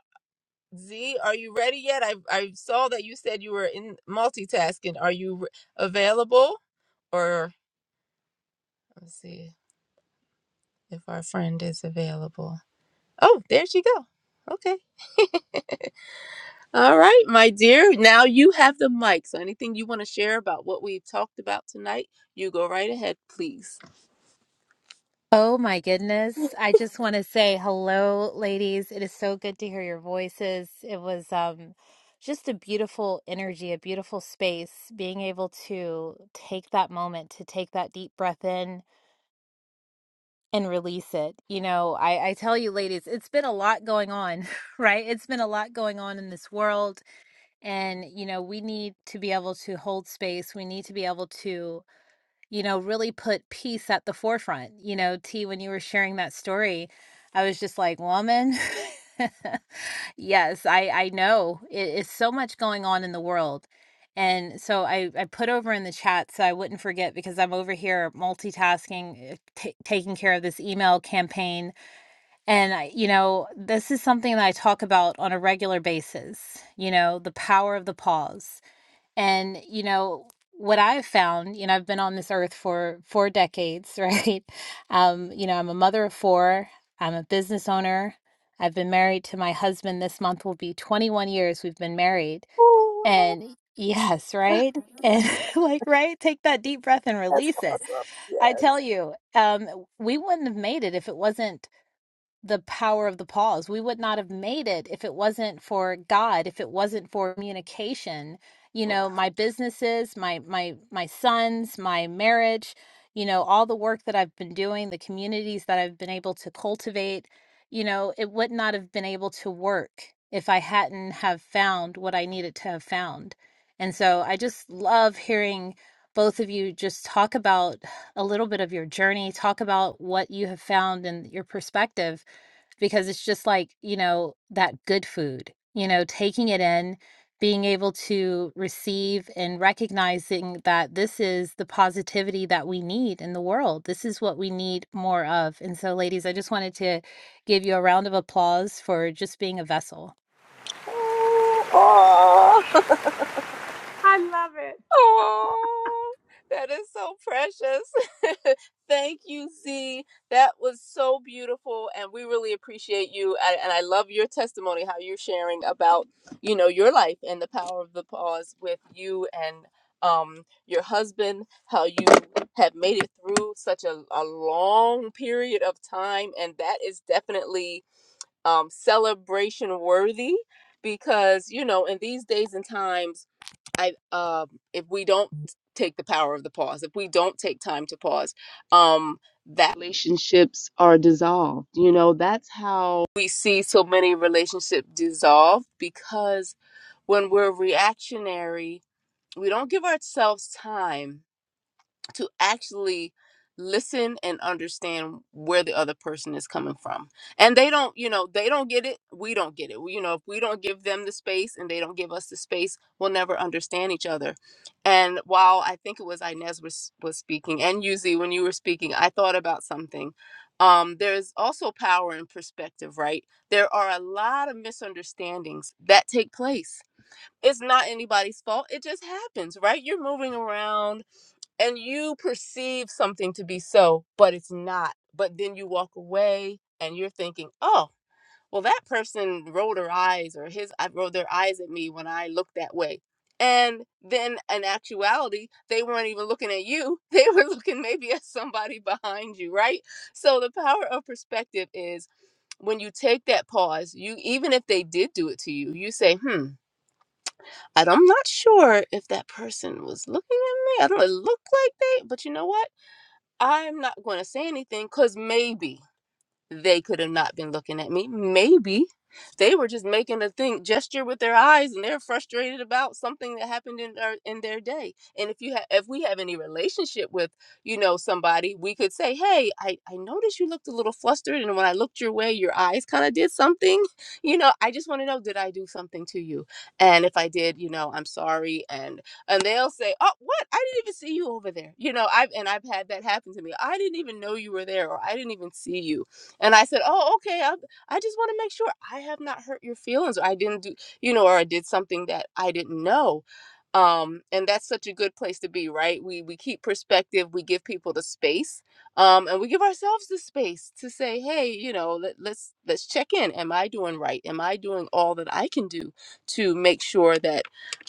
A: Z, are you ready yet? I I saw that you said you were in multitasking. Are you re- available? Or let's see if our friend is available. Oh, there she go. Okay. All right, my dear. Now you have the mic. So anything you want to share about what we talked about tonight, you go right ahead, please.
C: Oh my goodness. I just want to say hello, ladies. It is so good to hear your voices. It was um just a beautiful energy, a beautiful space, being able to take that moment to take that deep breath in and release it. You know, I, I tell you, ladies, it's been a lot going on, right? It's been a lot going on in this world. And, you know, we need to be able to hold space. We need to be able to you know, really put peace at the forefront. You know, T, when you were sharing that story, I was just like, woman, yes, I, I know it is so much going on in the world. And so I, I put over in the chat so I wouldn't forget because I'm over here multitasking, uh, ta taking care of this email campaign. And, I, you know, this is something that I talk about on a regular basis, you know, the power of the pause and, you know, what I've found, you know, I've been on this earth for four decades, right? Um, you know, I'm a mother of four, I'm a business owner. I've been married to my husband this month will be 21 years we've been married.
A: Oh,
C: And yes, right? And like, right? Take that deep breath and
A: that's
C: release it.
A: awesome.
C: I
A: Yes.
C: tell you, um, we wouldn't have made it if it wasn't the power of the pause. We would not have made it if it wasn't for God, if it wasn't for communication. You know, my businesses, my my my sons, my marriage, you know, all the work that I've been doing, the communities that I've been able to cultivate, you know, it would not have been able to work if I hadn't have found what I needed to have found. And so I just love hearing both of you just talk about a little bit of your journey, talk about what you have found and your perspective because it's just like, you know, that good food, you know, taking it in, being able to receive and recognizing that this is the positivity that we need in the world. This is what we need more of. And so, ladies, I just wanted to give you a round of applause for just being a vessel.
A: Oh, aw.
B: I love it.
A: Oh, that is so precious. Thank you, Z. That was so beautiful, and we really appreciate you. And, and I love your testimony, how you're sharing about you know your life and the power of the pause with you and um your husband, how you have made it through such a, a long period of time, and that is definitely um, celebration worthy because you know in these days and times I um if we don't take the power of the pause, if we don't take time to pause, um that relationships are dissolved. You know, that's how we see so many relationships dissolve because when we're reactionary, we don't give ourselves time to actually listen and understand where the other person is coming from. And they don't, you know, they don't get it, we don't get it. We- You know, if we don't give them the space and they don't give us the space, we'll never understand each other. And while I think it was Inez was was speaking and Yuzi when you were speaking, I thought about something. Um, there's also power in perspective, right? There are a lot of misunderstandings that take place. It's not anybody's fault. It just happens, right? You're moving around and you perceive something to be so, but it's not. But then you walk away and you're thinking, oh, well, that person rolled her eyes or his I rolled their eyes at me when I looked that way. And then in actuality, they weren't even looking at you. They were looking maybe at somebody behind you, right? So the power of perspective is when you take that pause, you even if they did do it to you, you say, hmm, and I'm not sure if that person was looking at me. I don't it look like they, but you know what? I'm not going to say anything because maybe, they could have not been looking at me. Maybe they were just making a thing gesture with their eyes, and they're frustrated about something that happened in their in their day. And if you have, if we have any relationship with, you know, somebody, we could say, "Hey, I I noticed you looked a little flustered, and when I looked your way, your eyes kind of did something. You know, I just want to know, did I do something to you? And if I did, you know, I'm sorry. And and they'll say, "Oh, what? I didn't even see you over there." You know, I've and I've had that happen to me. I didn't even know you were there, or I didn't even see you and I said, "Oh, okay. I, I just want to make sure I have not hurt your feelings, or I didn't do, you know, or I did something that I didn't know." Um, and that's such a good place to be, right? We we keep perspective, we give people the space, um, and we give ourselves the space to say, "Hey, you know, let, let's let's check in. Am I doing right? Am I doing all that I can do to make sure that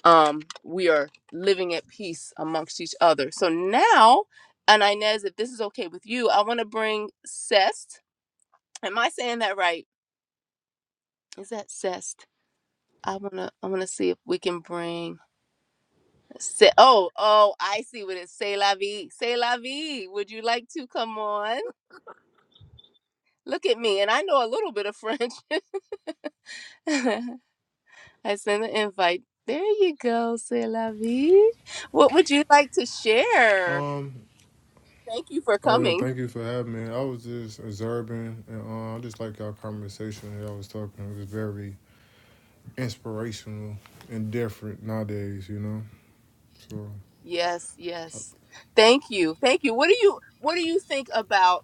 A: um, we are living at peace amongst each other?" So now. And Inez, if this is okay with you, I want to bring Sest Am I saying that right? Is that zest? I wanna I wanna see if we can bring say, oh oh I see what it's say la vie say la vie would you like to come on look at me and I know a little bit of French I send an invite there you go say la vie what would you like to share
D: Um.
A: thank you for
D: Oh yeah.
A: coming
D: Thank you for having me. I was just observing, and uh, I just like y'all conversation. Y'all was talking. It was very inspirational and different nowadays. You know. So,
A: yes yes thank you thank you what do you what do you think about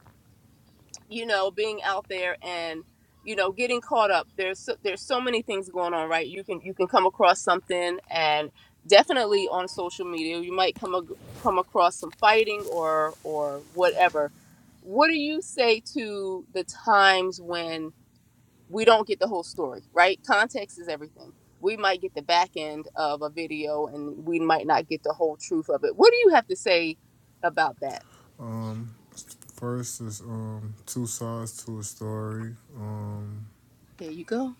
A: you know, being out there and you know, getting caught up. There's so, there's so many things going on, right? You can you can come across something, and definitely on social media, you might come ag- come across some fighting or or whatever. What do you say to the times when we don't get the whole story, right? Context is everything. We might get the back end of a video, and we might not get the whole truth of it. What do you have to say about that?
D: um, first is um two sides to a story. Um.
A: There you go.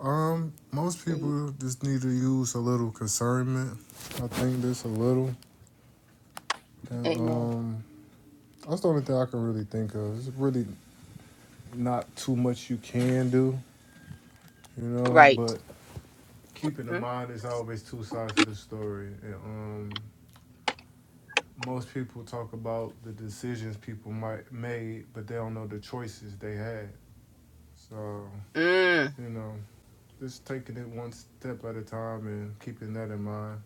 D: Um, most
A: There you.
D: people just need to use a little concernment. I think this a little. And,
A: Amen.
D: um, that's the only thing I can really think of. It's really not too much you can do, you know,
A: Right.
D: but keep in mind there's always two sides to the story. And, um, most people talk about the decisions people might made, but they don't know the choices they had. So
A: Mm,
D: you know, just taking it one step at a time and keeping that in mind.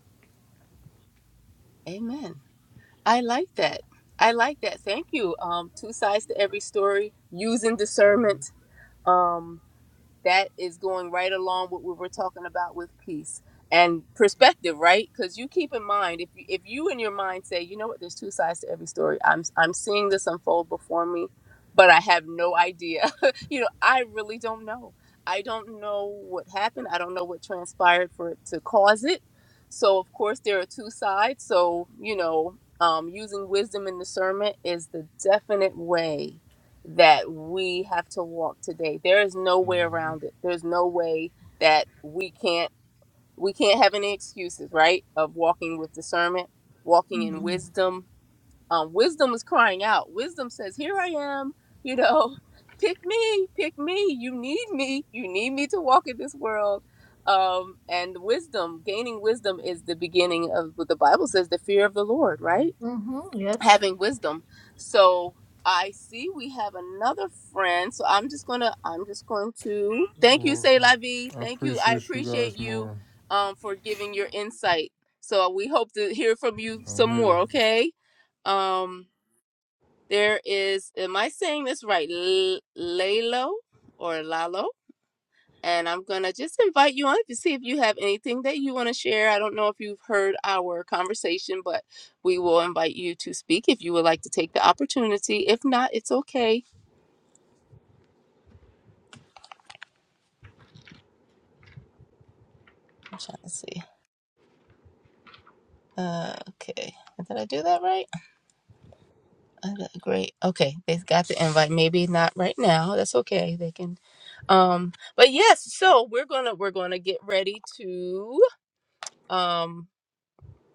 A: amen. I like that. I like that. Thank you. Um, two sides to every story, using discernment. Um, that is going right along with what we're talking about with peace and perspective, right? Because you keep in mind if you, if you in your mind say, you know what, there's two sides to every story. I'm I'm seeing this unfold before me, but I have no idea. you know, I really don't know. I don't know what happened. I don't know what transpired for it to cause it. So of course there are two sides. So you know, um, using wisdom and discernment is the definite way that we have to walk today. There is no way
D: Mm-hmm.
A: around it. There's no way that we can't we can't have any excuses, right? Of walking with discernment, walking in wisdom. Um, wisdom is crying out. Wisdom says, "Here I am." You know, pick me, pick me. You need me. You need me to walk in this world. Um, and wisdom, gaining wisdom, is the beginning of what the Bible says: the fear of the Lord, right?
B: Mm-hmm. Yes.
A: having wisdom. So I see we have another friend. So I'm just gonna I'm just going to thank you,
D: You're
A: Say
D: welcome.
A: La Vie.
D: I
A: Thank you. I
D: appreciate you
A: appreciate
D: guys
A: you
D: more.
A: um for giving your insight. So we hope to hear from you some
D: I'm
A: more,
D: here.
A: okay? Um there is am I saying this right? L- Lalo or Lalo? And I'm going to just invite you on to see if you have anything that you want to share. I don't know if you've heard our conversation, but we will invite you to speak if you would like to take the opportunity. If not, it's okay. I'm trying to see. Uh, okay. Did I do that right? I got- Great. Okay. They got the invite. Maybe not right now. That's okay. They can. Um, but yes, so we're gonna we're gonna get ready to um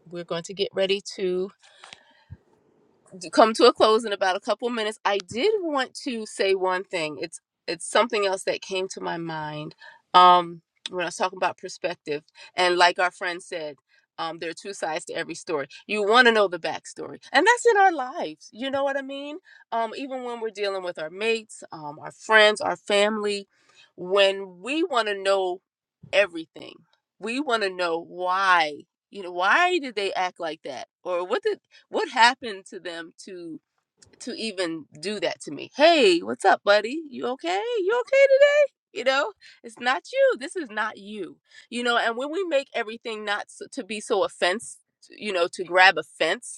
A: we're going to get ready to come to a close in about a couple minutes. I did want to say one thing. It's it's something else that came to my mind um, when I was talking about perspective. And like our friend said, um, there are two sides to every story. You want to know the backstory, and that's in our lives. You know what I mean? Um, even when we're dealing with our mates, um, our friends, our family, when we want to know everything, we want to know why. You know, why did they act like that, or what did what happened to them to to even do that to me? Hey, what's up, buddy? You okay? You okay today? You know, it's not you. This is not you. You know, and when we make everything not s- to be so offense, you know, to grab offense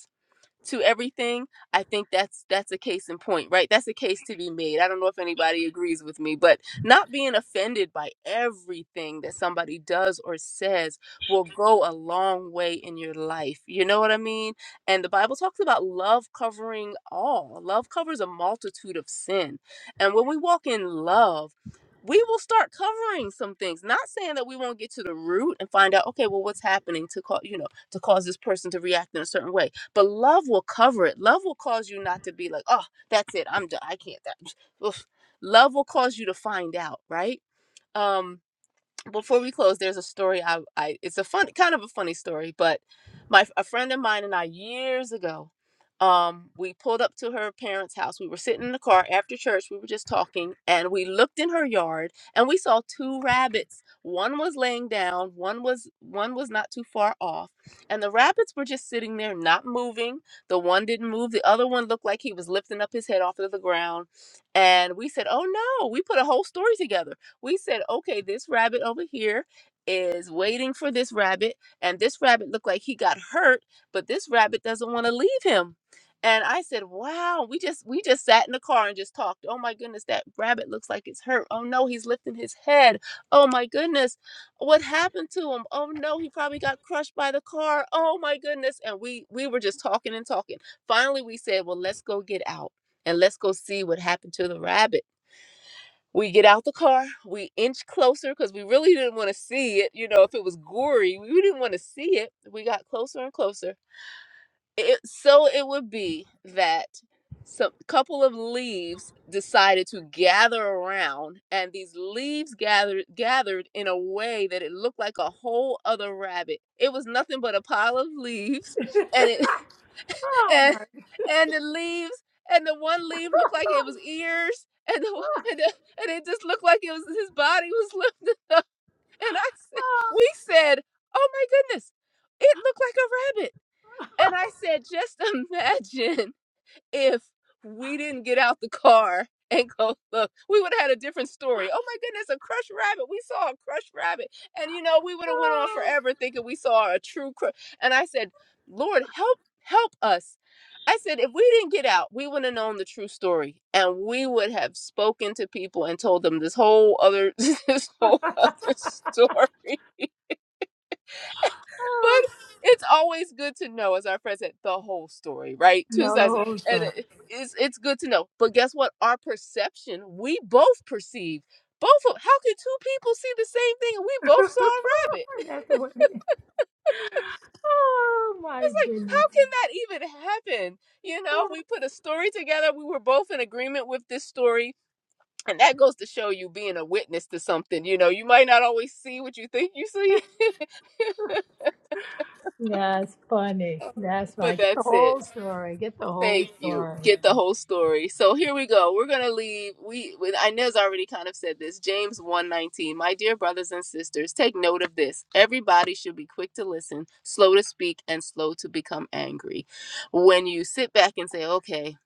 A: to everything i think that's that's a case in point right that's a case to be made i don't know if anybody agrees with me but not being offended by everything that somebody does or says will go a long way in your life you know what i mean and the bible talks about love covering all love covers a multitude of sin and when we walk in love we will start covering some things not saying that we won't get to the root and find out okay well what's happening to cause you know to cause this person to react in a certain way but love will cover it love will cause you not to be like oh that's it i'm done i can't that oof." love will cause you to find out right um before we close, there's a story I, I it's a fun kind of a funny story, but my a friend of mine and I years ago, um, we pulled up to her parents' house. We were sitting in the car after church, we were just talking, and we looked in her yard and we saw two rabbits. One was laying down, one was one was not too far off, and the rabbits were just sitting there not moving. The one didn't move, the other one looked like he was lifting up his head off of the ground. And we said, Oh no, we put a whole story together we said, okay, this rabbit over here is waiting for this rabbit, and this rabbit looked like he got hurt, but this rabbit doesn't want to leave him. And I said, "Wow, we just we just sat in the car and just talked. Oh my goodness, that rabbit looks like it's hurt. Oh no, he's lifting his head. Oh my goodness, what happened to him? Oh no, he probably got crushed by the car. Oh my goodness." And we we were just talking and talking. Finally, we said, "Well, let's go get out and let's go see what happened to the rabbit." We get out the car, we inch closer because we really didn't want to see it. You know, if it was gory, we didn't want to see it. We got closer and closer. It, so it would be that some couple of leaves decided to gather around, and these leaves gathered gathered in a way that it looked like a whole other rabbit. It was nothing but a pile of leaves, and it
B: Oh
A: and
B: my.
A: and the leaves and the one leaf looked like it was ears and the, and, the, and it just looked like it was his body was lifted up and i said we said oh my goodness it looked like a rabbit and i said just imagine if we didn't get out the car and go look, we would have had a different story. Oh my goodness, a crushed rabbit. We saw a crushed rabbit. And you know, we would have went on forever thinking we saw a true crush. and I said, "Lord, help help us." I said, "If we didn't get out, we wouldn't have known the true story and we would have spoken to people and told them this whole other this whole other story."
B: oh,
A: But it's always good to know, as our friend said, the whole story, right? Two
B: no, the
A: sides
B: whole
A: and
B: story.
A: it- it's it's good to know. But guess what? Our perception, we both perceive. Both of how can two people see the same thing and we both saw a rabbit?
B: That's the way. Oh my
A: It's like
B: goodness.
A: how can that even happen? You know,
B: Oh,
A: we put a story together. We were both in agreement with this story, and that goes to show you being a witness to something. You know, you might not always see what you think you see,
B: That's funny. That's
A: but
B: right. Get the
A: that's it.
B: whole story. Get the whole
A: Thank you.
B: story.
A: Get the whole story. So here we go. We're gonna leave. We with Inez already kind of said this. James 119. My dear brothers and sisters, take note of this. Everybody should be quick to listen, slow to speak, and slow to become angry. When you sit back and say, Okay,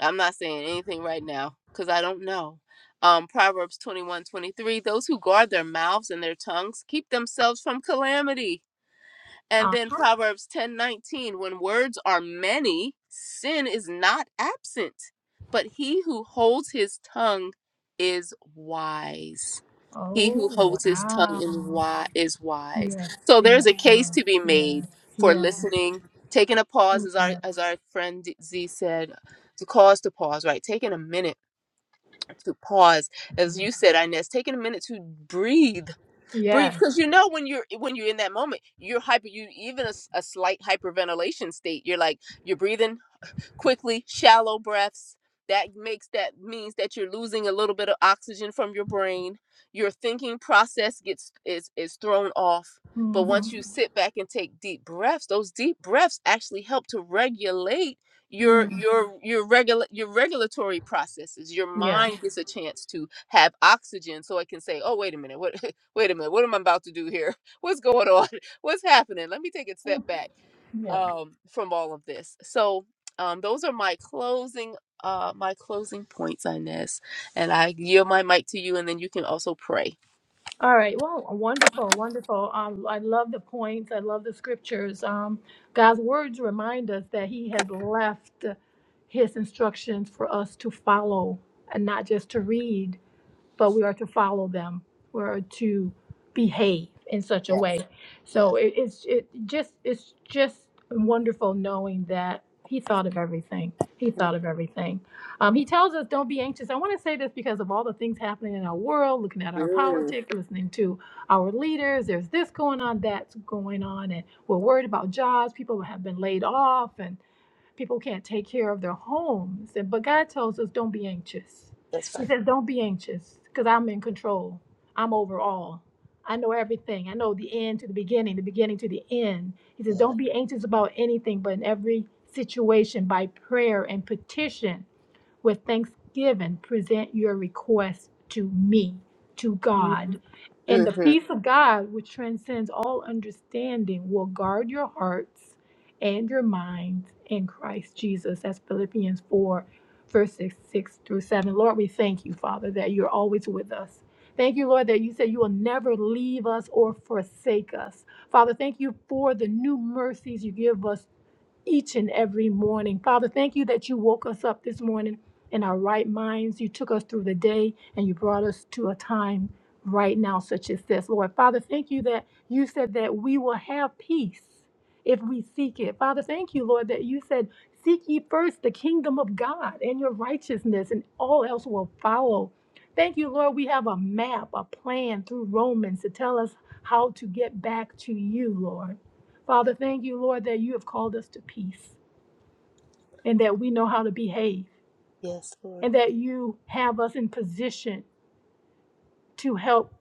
A: I'm not saying anything right now, because I don't know. Um, Proverbs 21 23. those who guard their mouths and their tongues keep themselves from calamity. And
B: Uh,
A: then Proverbs ten nineteen, when words are many, sin is not absent, but he who holds his tongue is wise. He who
B: oh
A: holds his tongue in
B: wow.
A: wi- is wise.
B: Yes.
A: So there's
B: Yes.
A: a case
B: Lord.
A: to be made
B: Yes.
A: for
B: Yes.
A: listening, taking a pause,
B: Yes.
A: as our as our friend Z said, to cause to pause, right? Taking a minute to pause, as you said, Inez, taking a minute to breathe breathe
B: Yes.
A: because you know when you're when you're in that moment you're hyper you even a, s- a slight hyperventilation state you're like you're breathing quickly shallow breaths that makes that means that you're losing a little bit of oxygen from your brain your thinking process gets is is thrown off but once you
B: Mm-hmm.
A: Mhm. sit back and take deep breaths those deep breaths actually help to regulate your your Mhm. your regular your regulatory processes your
B: Yeah.
A: mind Yeah. gets a chance to have oxygen so it can say oh wait a minute what wait a minute what am i about to do here what's going on what's happening let me take a step back
B: Yeah.
A: um, from all of this. So um, those are my closing uh my closing points, Inez. And I yield my mic to you, and then you can also pray.
B: All right. Well, wonderful, wonderful. Um, I love the points. I love the scriptures. Um, God's words remind us that He has left His instructions for us to follow and not just to read. but we are to follow them. We are to behave in such a
A: Yes,
B: way.
A: yes.
B: So it, it's it just it's just wonderful knowing that he thought of everything. He thought of everything. Um, he tells us don't be anxious. I want to say this because of all the things happening in our world, looking at our politics, listening to our leaders. There's this going on, that's going on, and we're worried about jobs. People have been laid off, and. People can't take care of their homes. And but God tells us don't be anxious. He says, Don't be anxious, because I'm in control. I'm over all. I know everything. I know the end to the beginning, the beginning to the end. He says, Don't be anxious about anything, but in every situation by prayer and petition with thanksgiving present your request to me to god and the
A: Mm-hmm.
B: peace of god which transcends all understanding will guard your hearts and your minds in christ jesus that's philippians 4 verses 6 through 7 lord we thank you father that you're always with us Thank you, Lord, that you said you will never leave us or forsake us. Father, thank you for the new mercies you give us each and every morning. Father, thank you that you woke us up this morning in our right minds. You took us through the day and you brought us to a time right now, such as this. Lord, Father, thank you that you said that we will have peace if we seek it. Father, thank you, Lord, that you said, Seek ye first the kingdom of God and your righteousness, and all else will follow. Thank you, Lord. We have a map, a plan through Romans to tell us how to get back to you, Lord. Father, thank you, Lord, that you have called us to peace and that we know how to behave
A: Yes, Lord.
B: and that you have us in position to help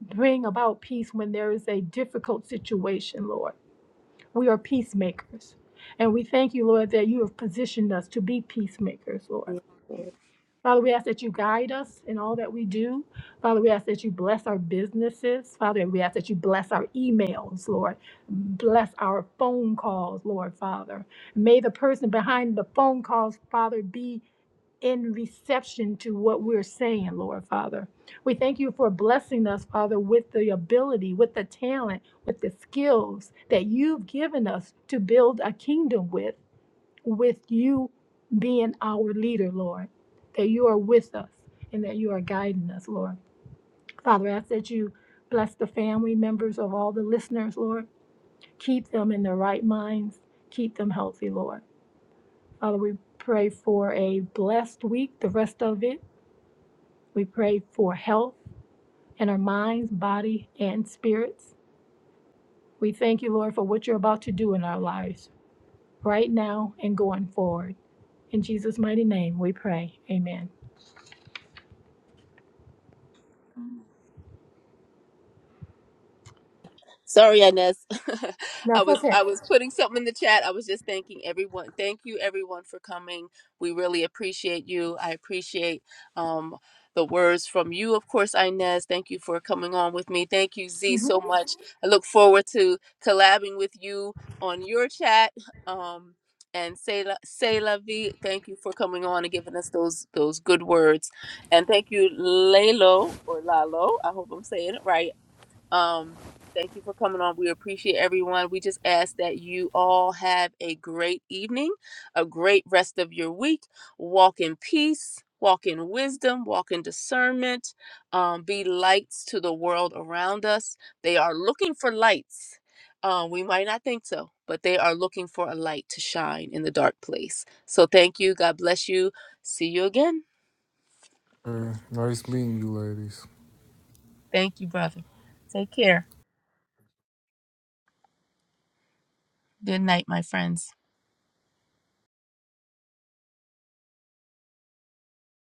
B: bring about peace when there is a difficult situation, Lord. We are peacemakers. And we thank you, Lord, that you have positioned us to be peacemakers, Lord.
A: Yes, Lord.
B: Father, we ask that you guide us in all that we do. Father, we ask that you bless our businesses. Father, we ask that you bless our emails, Lord. Bless our phone calls, Lord, Father. May the person behind the phone calls, Father, be in reception to what we're saying, Lord, Father. We thank you for blessing us, Father, with the ability, with the talent, with the skills that you've given us to build a kingdom with with you being our leader, Lord, that you are with us and that you are guiding us, Lord. Father, I ask that you bless the family members of all the listeners, Lord. Keep them in their right minds, keep them healthy, Lord. Father, we pray for a blessed week, the rest of it. We pray for health in our minds, body, and spirits. We thank you, Lord, for what you're about to do in our lives right now and going forward. In Jesus' mighty name, we pray. Amen.
A: Sorry, Ines. I was I was putting something in the chat. I was just thanking everyone. Thank you, everyone, for coming. We really appreciate you. I appreciate um, the words from you, of course, Inez. Thank you for coming on with me. Thank you, Z, so much. I look forward to collabing with you on your chat. Um, and say la, say la vie. Thank you for coming on and giving us those those good words. And thank you, Lalo or Lalo. I hope I'm saying it right um, thank you for coming on. We appreciate everyone. We just ask that you all have a great evening, a great rest of your week. Walk in peace, walk in wisdom, walk in discernment. Um, be lights to the world around us. They are looking for lights. Um, we might not think so, but they are looking for a light to shine in the dark place. So thank you. God bless you. See you again.
D: Hey, nice meeting you, ladies.
A: Thank you, brother. Take care. Good night, my friends.